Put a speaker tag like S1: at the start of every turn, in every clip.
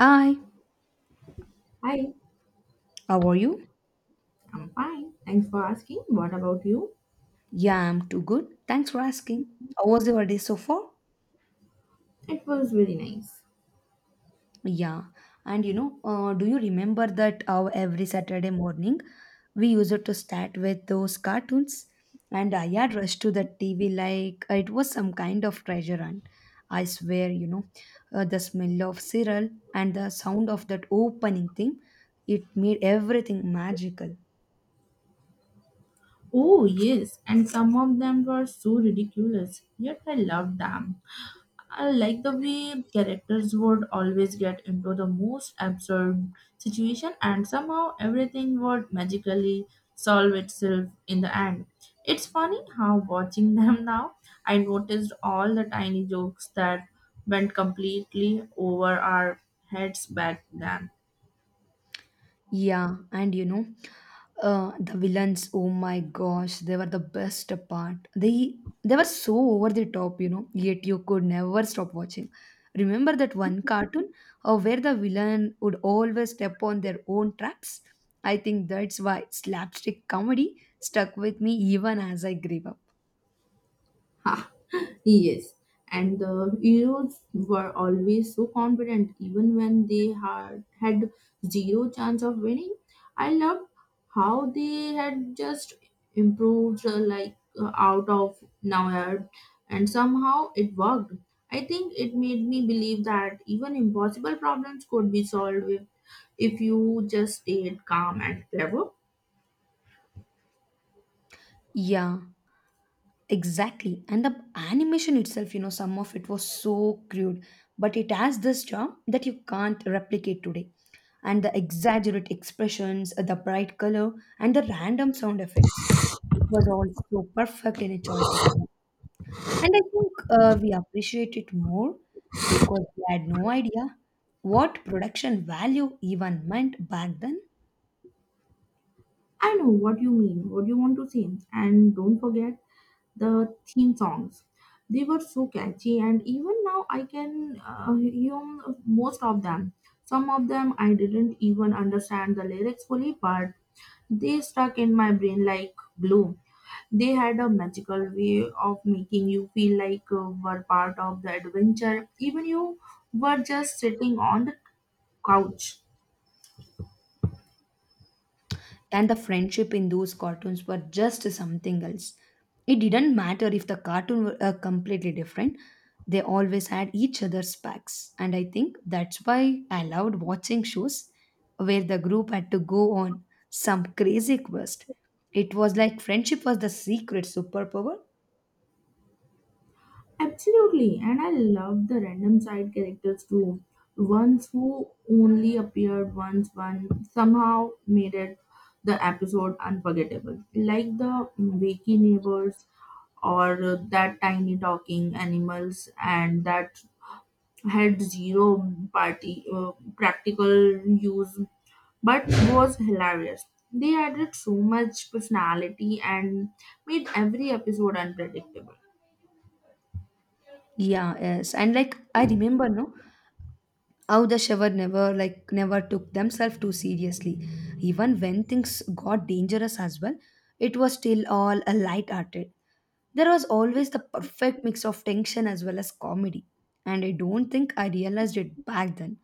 S1: Hi,
S2: Hi,
S1: how are you?
S2: I'm fine. Thanks for asking. What about you?
S1: Yeah, I'm too good. Thanks for asking. How was your day so far?
S2: It was very nice.
S1: Yeah, and you know, do you remember that how every Saturday morning we used to start with those cartoons? And I had rushed to the TV like it was some kind of treasure hunt. I swear, you know, the smell of cereal and the sound of that opening thing, it made everything magical.
S2: Oh, yes, and some of them were so ridiculous, yet I loved them. I like the way characters would always get into the most absurd situation, and somehow everything would magically solve itself in the end. It's funny how watching them now, I noticed all the tiny jokes that went completely over our heads back then.
S1: Yeah, and you know, the villains. Oh my gosh, they were the best part. They were so over the top, you know. Yet you could never stop watching. Remember that one cartoon where the villain would always step on their own traps? I think that's why slapstick comedy stuck with me even as I grew up.
S2: Yes, and the Euros were always so confident, even when they had had zero chance of winning. I loved how they had just improved, like out of nowhere, and somehow it worked. I think it made me believe that even impossible problems could be solved with, if you just stayed calm and clever.
S1: Yeah, exactly. And the animation itself, you know, some of it was so crude, but it has this charm that you can't replicate today. And the exaggerate expressions, the bright color, and the random sound effects. It was all so perfect in its own technique. And I think we appreciate it more because we had no idea what production value even meant back then.
S2: I know what you mean, what you want to say, and don't forget the theme songs. They were so catchy, and even now I can hum most of them. Some of them I didn't even understand the lyrics fully, but they stuck in my brain like glue. They had a magical way of making you feel like you were part of the adventure, even you were just sitting on the couch.
S1: And the friendship in those cartoons were just something else. It didn't matter if the cartoon were completely different, they always had each other's backs, and I think that's why I loved watching shows where the group had to go on some crazy quest. It was like friendship was the secret superpower.
S2: Absolutely, and I love the random side characters too. Ones who only appeared once, one somehow made it the episode unforgettable, like the wacky neighbors or that tiny talking animals, and that had zero party practical use, but was hilarious. They added so much personality and made every episode unpredictable.
S1: Yeah, yes, and like I remember, no. How the shower never, like, never took themselves too seriously. Even when things got dangerous as well, it was still all a light-hearted. There was always the perfect mix of tension as well as comedy. And I don't think I realized it back then.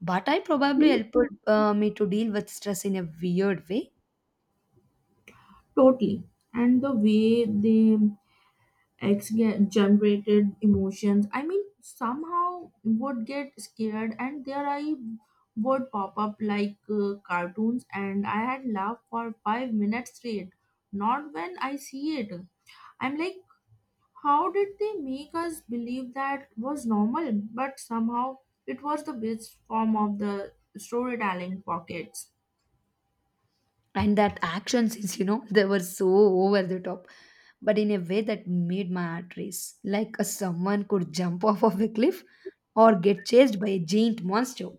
S1: But I probably helped me to deal with stress in a weird way.
S2: Totally. And the way they ex- generated emotions, I mean, somehow would get scared and their eye would pop up like cartoons, and I had laughed for 5 minutes straight. Not when I see it. I'm like, how did they make us believe that was normal? But somehow it was the best form of the storytelling pockets.
S1: And that action scenes, you know, they were so over the top, but in a way that made my heart race, like a someone could jump off of a cliff or get chased by a giant monster,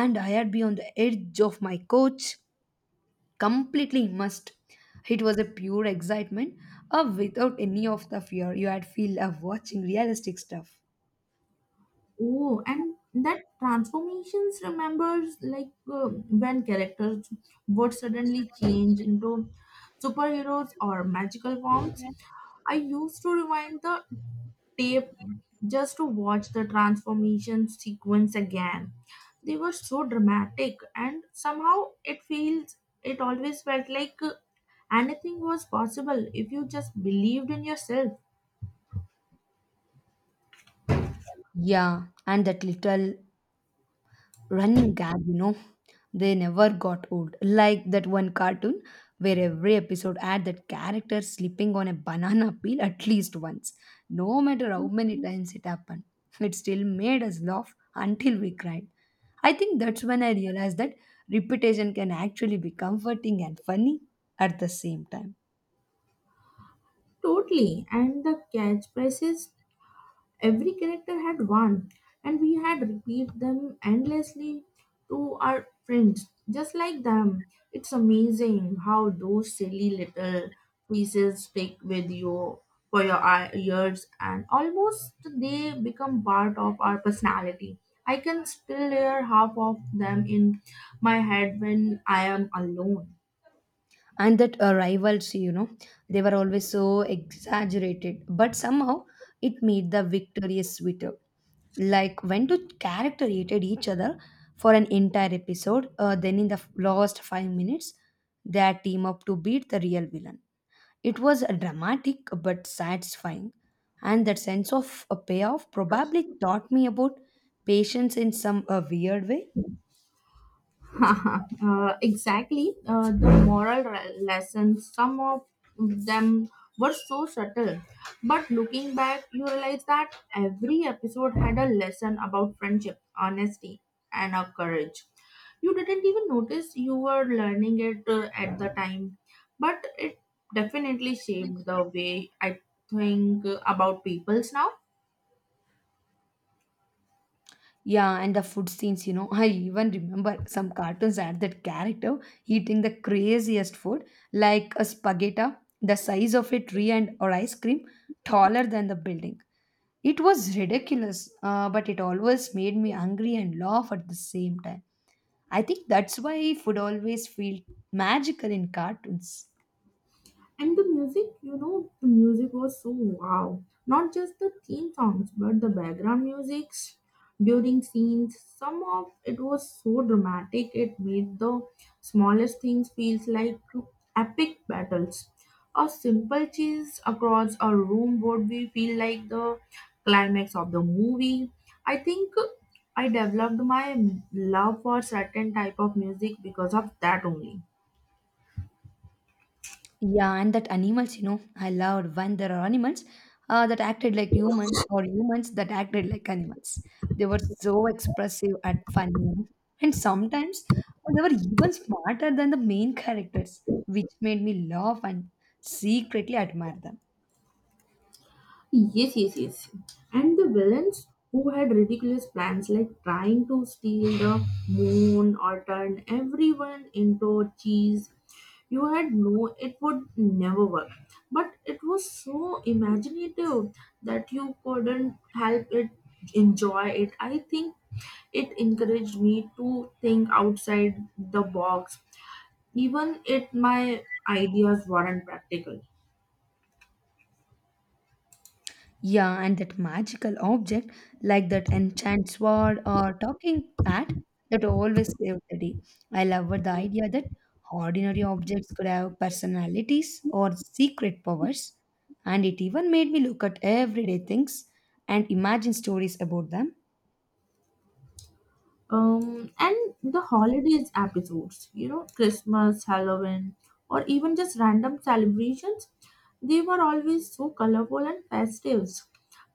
S1: and I had been on the edge of my couch, completely immersed. It was a pure excitement without any of the fear you had feel of watching realistic stuff.
S2: Oh, and that transformations remembers like when characters would suddenly change into superheroes or magical forms. I used to rewind the tape just to watch the transformation sequence again. They were so dramatic, and somehow it always felt like anything was possible if you just believed in yourself.
S1: Yeah, and that little running gag, you know. They never got old. Like that one cartoon where every episode had that character slipping on a banana peel at least once. No matter how many times it happened, it still made us laugh until we cried. I think that's when I realized that repetition can actually be comforting and funny at the same time.
S2: Totally, and the catchphrases. Every character had one, and we had repeat them endlessly to our friends, just like them. It's amazing how those silly little pieces stick with you for your years, and almost they become part of our personality. I can still hear half of them in my head when I am alone.
S1: And that rivalry, you know, they were always so exaggerated, but somehow it made the victorious sweeter, like when two character hated each other for an entire episode, then in the last 5 minutes they team up to beat the real villain. It was dramatic but satisfying, and that sense of a payoff probably taught me about patience in some weird way.
S2: Exactly. The moral lessons, some of them were so subtle. But looking back, you realize that every episode had a lesson about friendship, honesty, and courage. You didn't even notice you were learning it at the time, but it definitely shaped the way I think about peoples now.
S1: Yeah, and the food scenes, you know, I even remember some cartoons had that character eating the craziest food, like a spaghetti, the size of a tree and or ice cream, taller than the building. It was ridiculous, but it always made me hungry and laugh at the same time. I think that's why food always feel magical in cartoons.
S2: And the music was so wow. Not just the theme songs, but the background musics during scenes. Some of it was so dramatic, it made the smallest things feels like epic battles. A simple chase across a room would be feel like the climax of the movie. I think I developed my love for certain type of music because of that only.
S1: Yeah, and that animals, you know, I loved when there are animals that acted like humans or humans that acted like animals. They were so expressive and funny, you know. And sometimes they were even smarter than the main characters, which made me laugh and secretly admire them.
S2: Yes, yes, yes. And the villains who had ridiculous plans like trying to steal the moon or turn everyone into cheese. You had no, it would never work. But it was so imaginative that you couldn't help it enjoy it. I think it encouraged me to think outside the box, even if my ideas weren't practical.
S1: Yeah, and that magical object, like that enchanted sword or talking cat, that always saved the day. I loved the idea that ordinary objects could have personalities or secret powers, and it even made me look at everyday things and imagine stories about them.
S2: And the holidays episodes, Christmas, Halloween, or even just random celebrations. They were always so colorful and festive.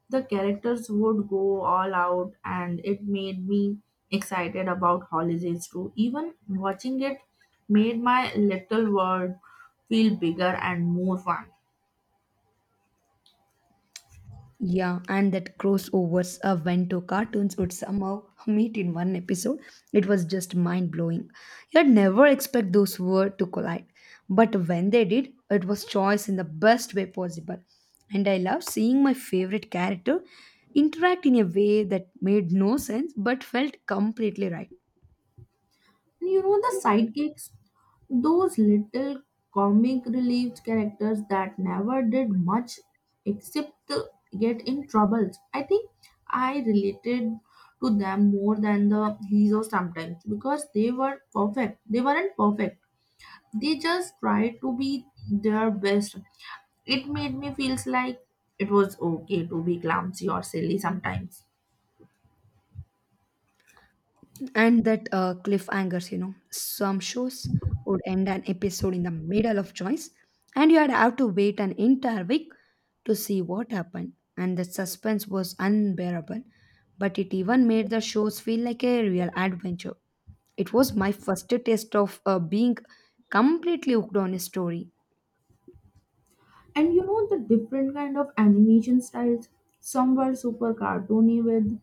S2: The characters would go all out, and it made me excited about holidays too. Even watching it made my little world feel bigger and more fun.
S1: Yeah, and that crossovers of when two cartoons would somehow meet in one episode, it was just mind blowing. You'd never expect those words to collide, but when they did, it was choice in the best way possible. And I loved seeing my favorite character interact in a way that made no sense but felt completely right.
S2: And you know the sidekicks, those little comic relief characters that never did much except to get in troubles. I think I related to them more than the heroes sometimes because they were perfect. They weren't perfect. They just tried to be their best. It made me feels like it was okay to be clumsy or silly sometimes.
S1: And that cliffhangers, you know, some shows would end an episode in the middle of choice, and you had have to wait an entire week to see what happened. And the suspense was unbearable, but it even made the shows feel like a real adventure. It was my first taste of being completely hooked on a story.
S2: And you know the different kind of animation styles. Some were super cartoony with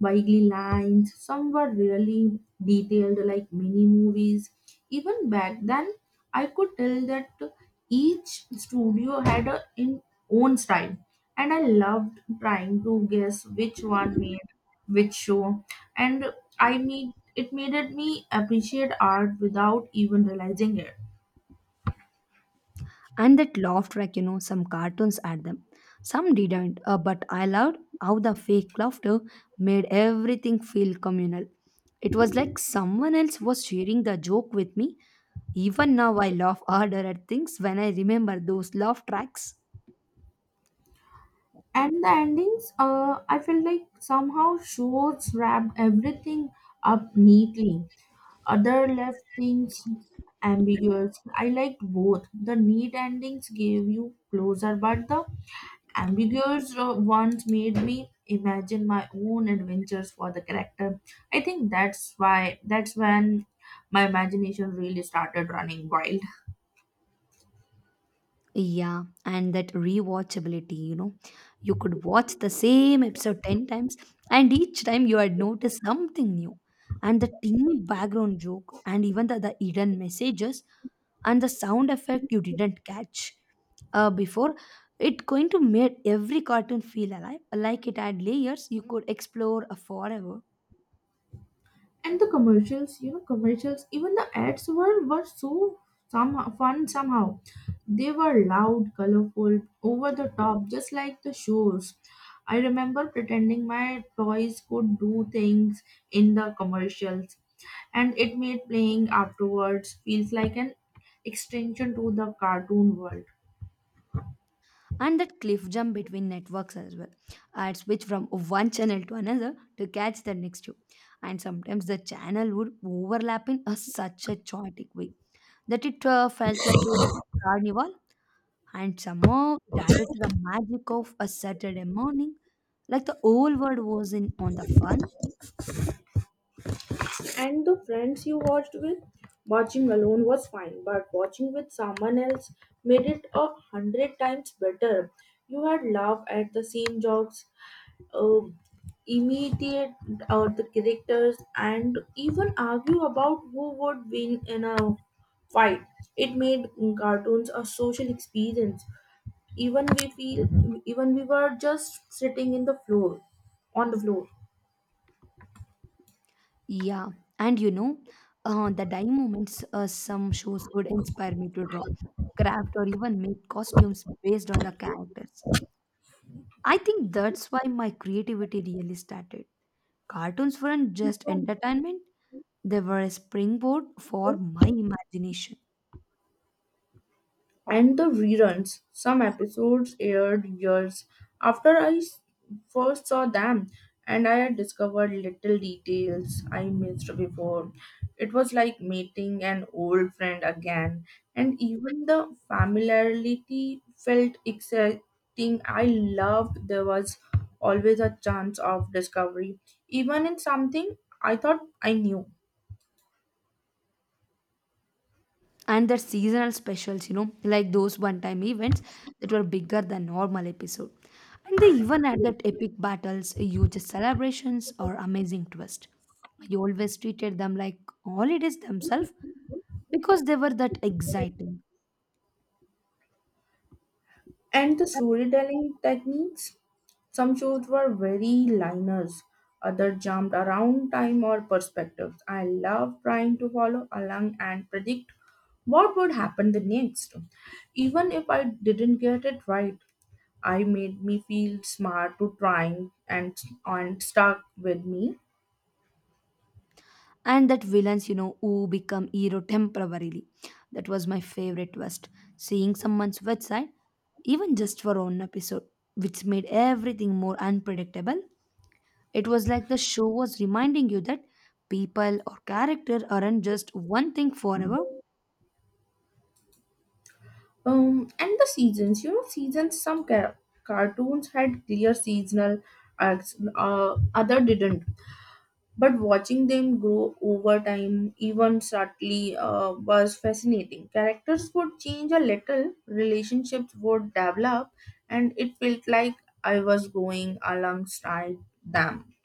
S2: wiggly lines. Some were really detailed, like mini movies. Even back then, I could tell that each studio had a in own style, and I loved trying to guess which one made which show. And I made it me appreciate art without even realizing it.
S1: And that laughed, like, you know, some cartoons at them, some didn't, but I loved how the fake laughter made everything feel communal. It was like someone else was sharing the joke with me. Even now I laugh harder at things when I remember those laugh tracks.
S2: And the endings, I felt like somehow shows wrapped everything up neatly. Other left things ambiguous. I liked both. The neat endings gave you closure, but the ambiguous ones made me imagine my own adventures for the character. I think that's when my imagination really started running wild.
S1: Yeah, and that rewatchability, you know, you could watch the same episode 10 times, and each time you had noticed something new. And the teeny background joke, and even the hidden messages, and the sound effect you didn't catch before, it going to make every cartoon feel alive, like it had layers you could explore forever.
S2: And the commercials, even the ads were so somehow fun. Somehow, they were loud, colorful, over the top, just like the shows. I remember pretending my toys could do things in the commercials, and it made playing afterwards feels like an extension to the cartoon world.
S1: And that cliff jump between networks as well. I'd switch from one channel to another to catch the next one, and sometimes the channel would overlap in a, such a chaotic way that it felt like a carnival, and somehow it added to the magic of a Saturday morning, like the whole world was in on the fun.
S2: And the friends you watched with? Watching alone was fine, but watching with someone else made it a hundred times better. You had laugh at the same jokes, um immediate or the characters, and even argue about who would win in a fight. It made cartoons a social experience. Even we feel, Even we were just sitting on the floor.
S1: Yeah, and you know, the dying moments, some shows would inspire me to draw, craft, or even make costumes based on the characters. I think that's why my creativity really started. Cartoons weren't just entertainment, they were a springboard for my imagination.
S2: And the reruns. Some episodes aired years after I first saw them, and I had discovered little details I missed before. It was like meeting an old friend again, and even the familiarity felt exciting. I loved there was always a chance of discovery, even in something I thought I knew.
S1: And the seasonal specials, you know, like those one time events that were bigger than normal episode. And they even had that epic battles, huge celebrations, or amazing twist. I always treated them like holidays themselves because they were that exciting.
S2: And the storytelling techniques, some shows were very liners, other jumped around time or perspectives. I love trying to follow along and predict what would happen the next. Even if I didn't get it right, I made me feel smart to trying and stuck with me.
S1: And that villains, you know, who become hero temporarily, that was my favorite twist. Seeing someone's website even just for one episode, which made everything more unpredictable. It was like the show was reminding you that people or character aren't just one thing forever.
S2: And the seasons. Some cartoons had clear seasonal arcs, other didn't. But watching them grow over time, even subtly, was fascinating. Characters would change a little, relationships would develop, and it felt like I was going alongside them.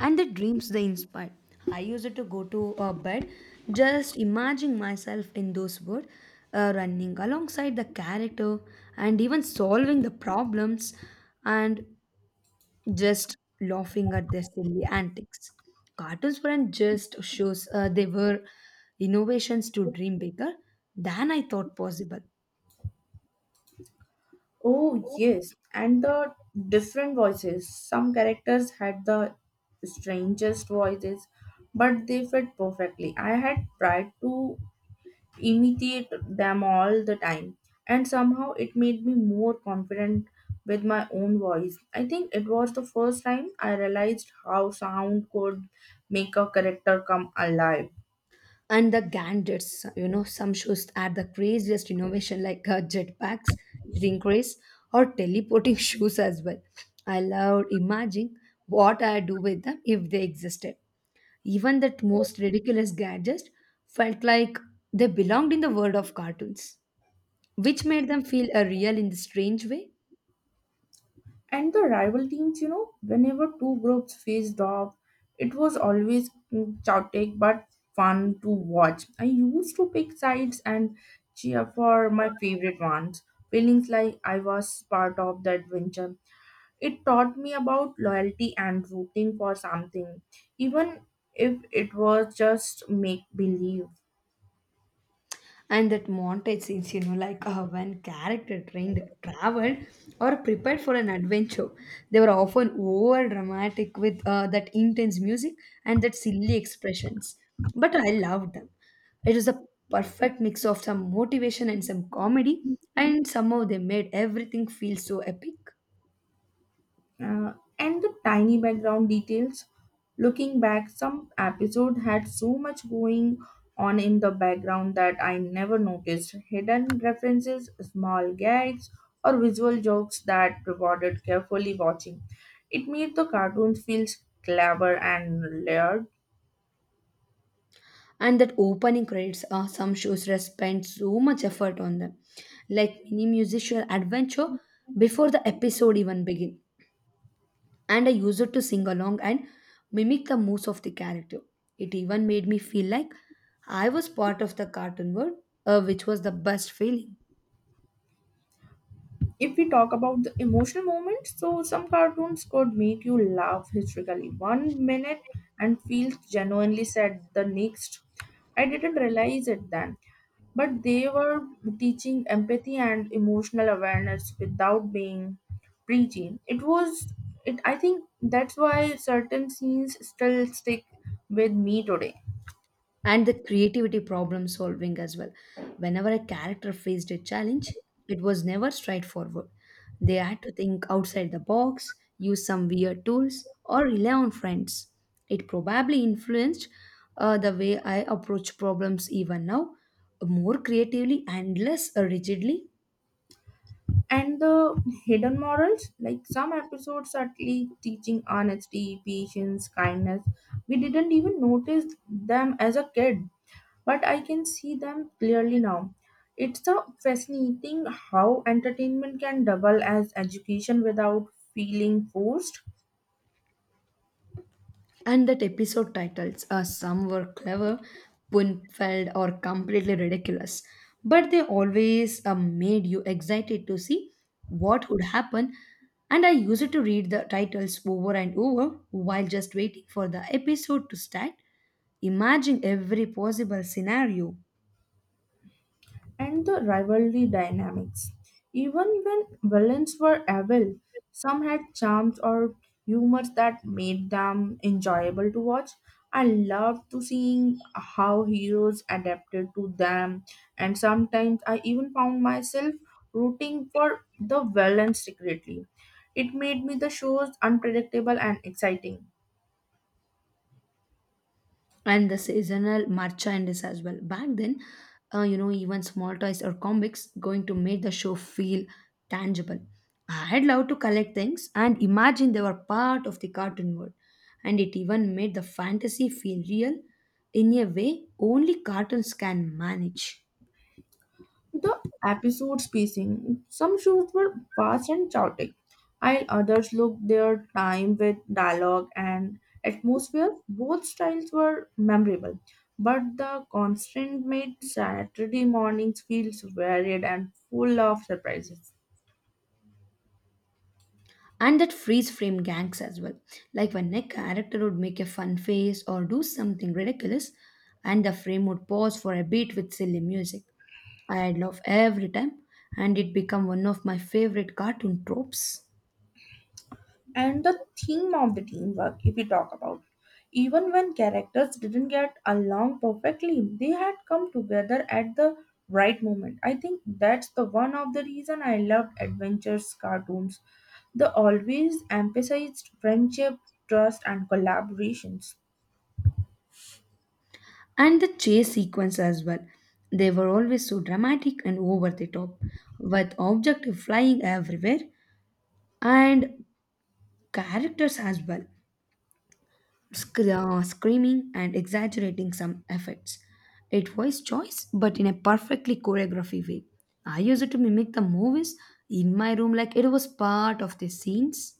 S1: And the dreams they inspire. I used to go to bed just imagining myself in those words, running alongside the character, and even solving the problems, and just laughing at their silly antics. Cartoons weren't just shows, they were innovations to dream bigger than I thought possible.
S2: Oh, yes, and the different voices. Some characters had the strangest voices, but they fit perfectly. I had tried to imitate them all the time, and somehow it made me more confident with my own voice. I think it was the first time I realized how sound could make a character come alive.
S1: And the gadgets, you know, some shows had the craziest innovation like jetpacks, drink race, or teleporting shoes as well. I loved imagining what I'd do with them if they existed. Even that most ridiculous gadget felt like they belonged in the world of cartoons, which made them feel real in the strange way.
S2: And the rival teams, whenever two groups faced off, it was always chaotic but fun to watch. I used to pick sides and cheer for my favorite ones, feelings like I was part of the adventure. It taught me about loyalty and rooting for something, even if it was just make believe.
S1: And that montage scenes, you know, like when character trained, traveled, or prepared for an adventure, they were often over dramatic with that intense music and that silly expressions. But I loved them. It was a perfect mix of some motivation and some comedy, and somehow they made everything feel so epic.
S2: And the tiny background details. Looking back, some episode had so much going on in the background that I never noticed. Hidden references, small gags, or visual jokes that rewarded carefully watching. It made the cartoons feel clever and layered.
S1: And that opening credits are some shows that spend so much effort on them, like mini musical adventure before the episode even begin. And I used it to sing along and mimic the moves of the character. It even made me feel like I was part of the cartoon world, which was the best feeling.
S2: If we talk about the emotional moments, so some cartoons could make you laugh hysterically one minute and feel genuinely sad the next. I didn't realize it then, but they were teaching empathy and emotional awareness without being preachy. It was, it. I think that's why certain scenes still stick with me today.
S1: And the creativity problem solving as well. Whenever a character faced a challenge, it was never straightforward. They had to think outside the box, use some weird tools, or rely on friends. It probably influenced the way I approach problems even now, more creatively and less rigidly.
S2: And the hidden morals, like some episodes subtly teaching honesty, patience, kindness. We didn't even notice them as a kid, but I can see them clearly now. It's a fascinating how entertainment can double as education without feeling forced.
S1: And that episode titles, some were clever, pun-filled, or completely ridiculous. But they always made you excited to see what would happen. And I used to read the titles over and over while just waiting for the episode to start, imagining every possible scenario.
S2: And the rivalry dynamics. Even when villains were evil, some had charms or humors that made them enjoyable to watch. I loved to seeing how heroes adapted to them, and sometimes I even found myself rooting for the villains secretly. It made me the shows unpredictable and exciting.
S1: And the seasonal merchandise as well. Back then, you know, even small toys or comics going to make the show feel tangible. I'd love to collect things and imagine they were part of the cartoon world, and it even made the fantasy feel real in a way only cartoons can manage.
S2: The episode spacing. Some shows were fast and chaotic, while others looked their time with dialogue and atmosphere. Both styles were memorable, but the constant made Saturday mornings feel varied and full of surprises.
S1: And that freeze frame gags as well, like when a character would make a fun face or do something ridiculous, and the frame would pause for a beat with silly music. I love every time, and it became one of my favorite cartoon tropes.
S2: And the theme of the teamwork, if we talk about. Even when characters didn't get along perfectly, they had come together at the right moment. I think that's the one of the reason I loved adventures cartoons. They always emphasized friendship, trust, and collaborations.
S1: And the chase sequence as well, they were always so dramatic and over the top, with objective flying everywhere, and characters as well, screaming and exaggerating some effects. It was choice, but in a perfectly choreography way. I used it to mimic the movies in my room like it was part of the scenes.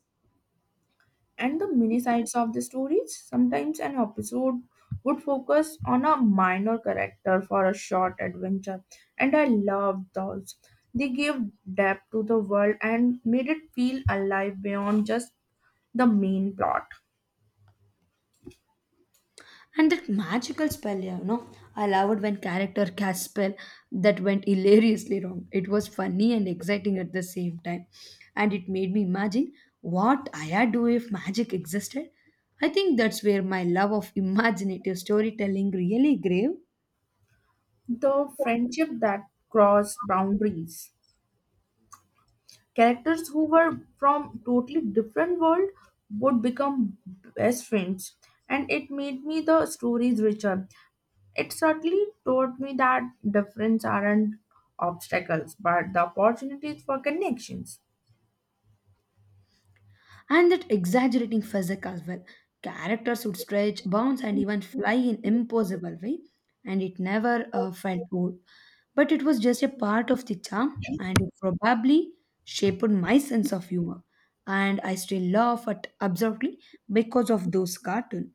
S2: And the mini sides of the stories. Sometimes an episode would focus on a minor character for a short adventure, and I loved those. They gave depth to the world and made it feel alive beyond just the main plot.
S1: And that magical spell, yeah, I loved when character cast spell that went hilariously wrong. It was funny and exciting at the same time, and it made me imagine what I'd do if magic existed. I think that's where my love of imaginative storytelling really grew.
S2: The friendship that crossed boundaries. Characters who were from totally different world would become best friends, and it made me the stories richer. It certainly taught me that difference aren't obstacles, but the opportunities for connections.
S1: And that exaggerating physique as well. Characters would stretch, bounce, and even fly in impossible way, and it never felt old. But it was just a part of the charm, and it probably shaped my sense of humor. And I still laugh at absurdly because of those cartoons.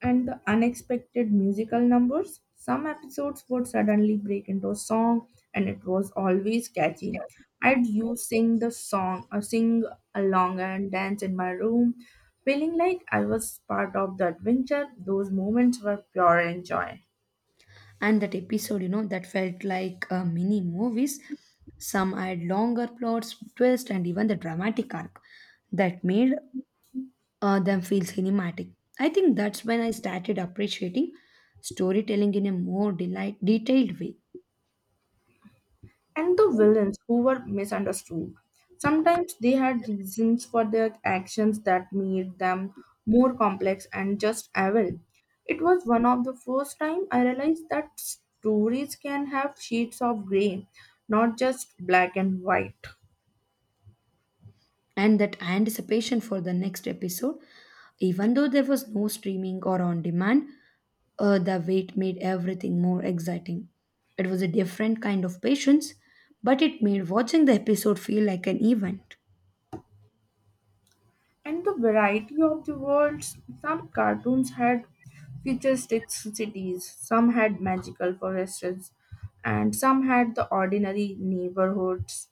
S2: And the unexpected musical numbers. Some episodes would suddenly break into a song, and it was always catchy. I'd You sing the song or sing along and dance in my room, feeling like I was part of the adventure. Those moments were pure enjoy.
S1: And that episode, you know, that felt like mini movies. Some had longer plots twists and even the dramatic arc that made them feel cinematic. I think that's when I started appreciating storytelling in a more detailed way.
S2: And the villains who were misunderstood. Sometimes they had reasons for their actions that made them more complex and just evil. It was one of the first time I realized that stories can have shades of gray, not just black and white.
S1: And that anticipation for the next episode, even though there was no streaming or on demand, the wait made everything more exciting. It was a different kind of patience, but it made watching the episode feel like an event.
S2: And the variety of the worlds. Some cartoons had futuristic cities, some had magical forests, and some had the ordinary neighborhoods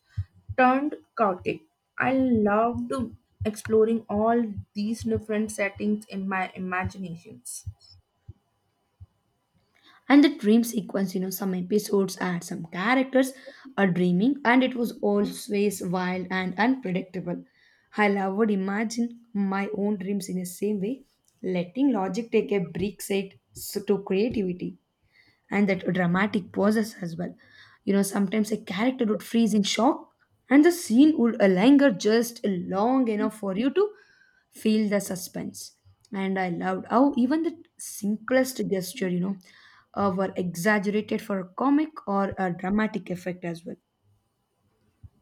S2: turned chaotic. I loved exploring all these different settings in my imaginations.
S1: And the dream sequence, you know, some episodes had some characters are dreaming and it was always wild and unpredictable. Hell, I would imagine my own dreams in the same way, letting logic take a break set to creativity. And that dramatic pauses as well. You know, sometimes a character would freeze in shock and the scene would linger just long enough for you to feel the suspense. And I loved how even the simplest gesture, were exaggerated for a comic or a dramatic effect as well.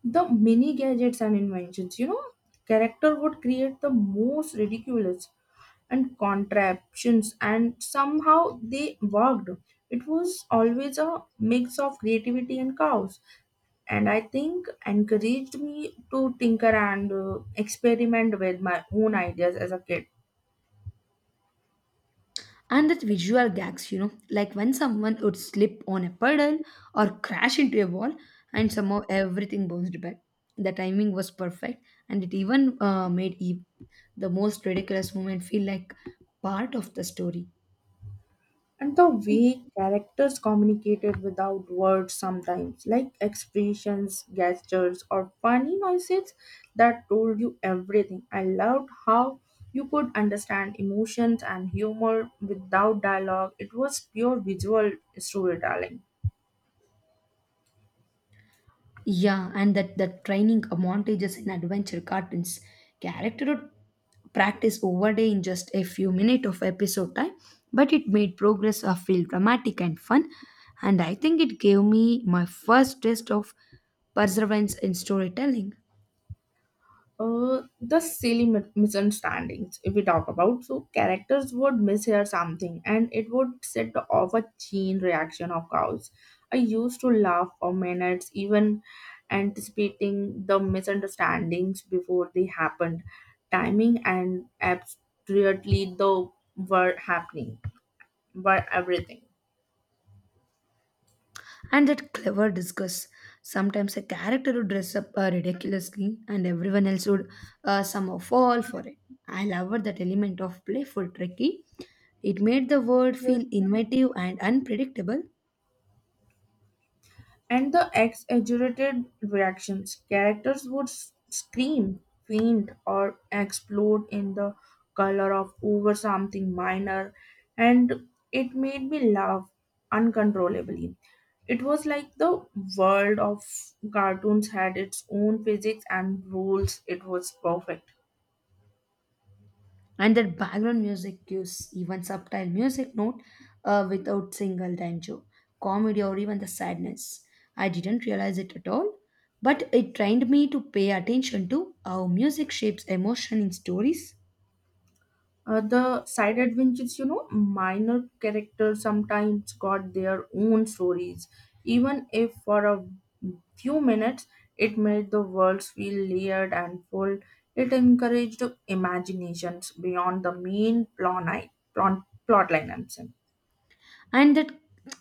S2: The many gadgets and inventions, character would create the most ridiculous and contraptions, and somehow they worked. It was always a mix of creativity and chaos, and I think encouraged me to tinker and experiment with my own ideas as a kid.
S1: And that visual gags, you know, like when someone would slip on a puddle or crash into a wall, and somehow everything bounced back. The timing was perfect, and it even the most ridiculous moment feel like part of the story.
S2: And the way characters communicated without words sometimes, like expressions, gestures, or funny noises that told you everything. I loved how you could understand emotions and humor without dialogue. It was pure visual storytelling.
S1: Yeah, and that training montages in adventure cartoons, character would practice over day in just a few minutes of episode time, but it made progress feel dramatic and fun, and I think it gave me my first taste of perseverance in storytelling.
S2: The silly misunderstandings, if we talk about, so characters would mishear something and it would set off a chain reaction of cows. I used to laugh for minutes even anticipating the misunderstandings before they happened. Timing, and abstractly the were happening, were everything.
S1: And that clever discuss. Sometimes a character would dress up ridiculously, and everyone else would somehow fall for it. I loved that element of playful tricky. It made the world feel innovative and unpredictable.
S2: And the exaggerated reactions. Characters would scream, faint, or explode in the color of over something minor, and it made me laugh uncontrollably. It was like the world of cartoons had its own physics and rules. It was perfect.
S1: And that background music cues, even subtle music note, without single banjo, comedy or even the sadness. I didn't realize it at all, but it trained me to pay attention to how music shapes emotion in stories.
S2: The side adventures, minor characters sometimes got their own stories, even if for a few minutes. It made the worlds feel layered and full. It encouraged imaginations beyond the main plot, plot line, I'm saying.
S1: And that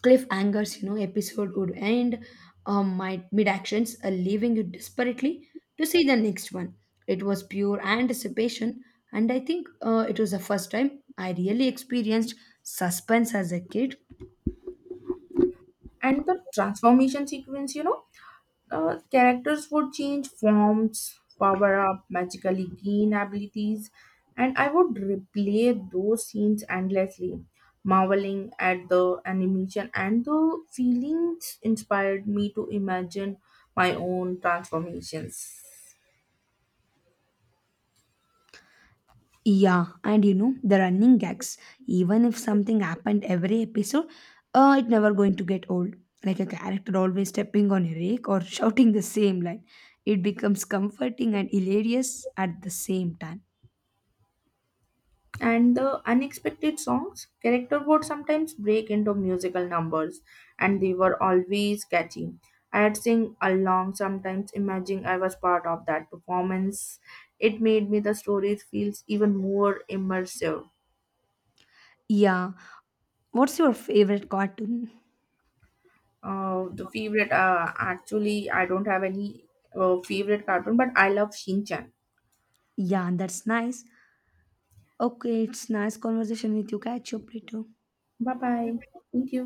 S1: cliffhangers, you know, episode would end my mid-actions, leaving you desperately to see the next one. It was pure anticipation, and I think it was the first time I really experienced suspense as a kid.
S2: And the transformation sequence. Characters would change forms, power up, magically gain abilities, and I would replay those scenes endlessly, marveling at the animation, and the feelings inspired me to imagine my own transformations.
S1: Yeah, and you know the running gags, even if something happened every episode, it never going to get old, like a character always stepping on a rake or shouting the same line. It becomes comforting and hilarious at the same time.
S2: And the unexpected songs, character would sometimes break into musical numbers, and they were always catchy. I'd sing along, sometimes imagining I was part of that performance. It made me the stories feels even more immersive.
S1: Yeah. What's your favorite cartoon?
S2: The favorite, actually I don't have any favorite cartoon, but I love Shin Chan.
S1: Yeah, that's nice. Okay, it's nice conversation with you. Catch up later.
S2: Bye bye. Thank you.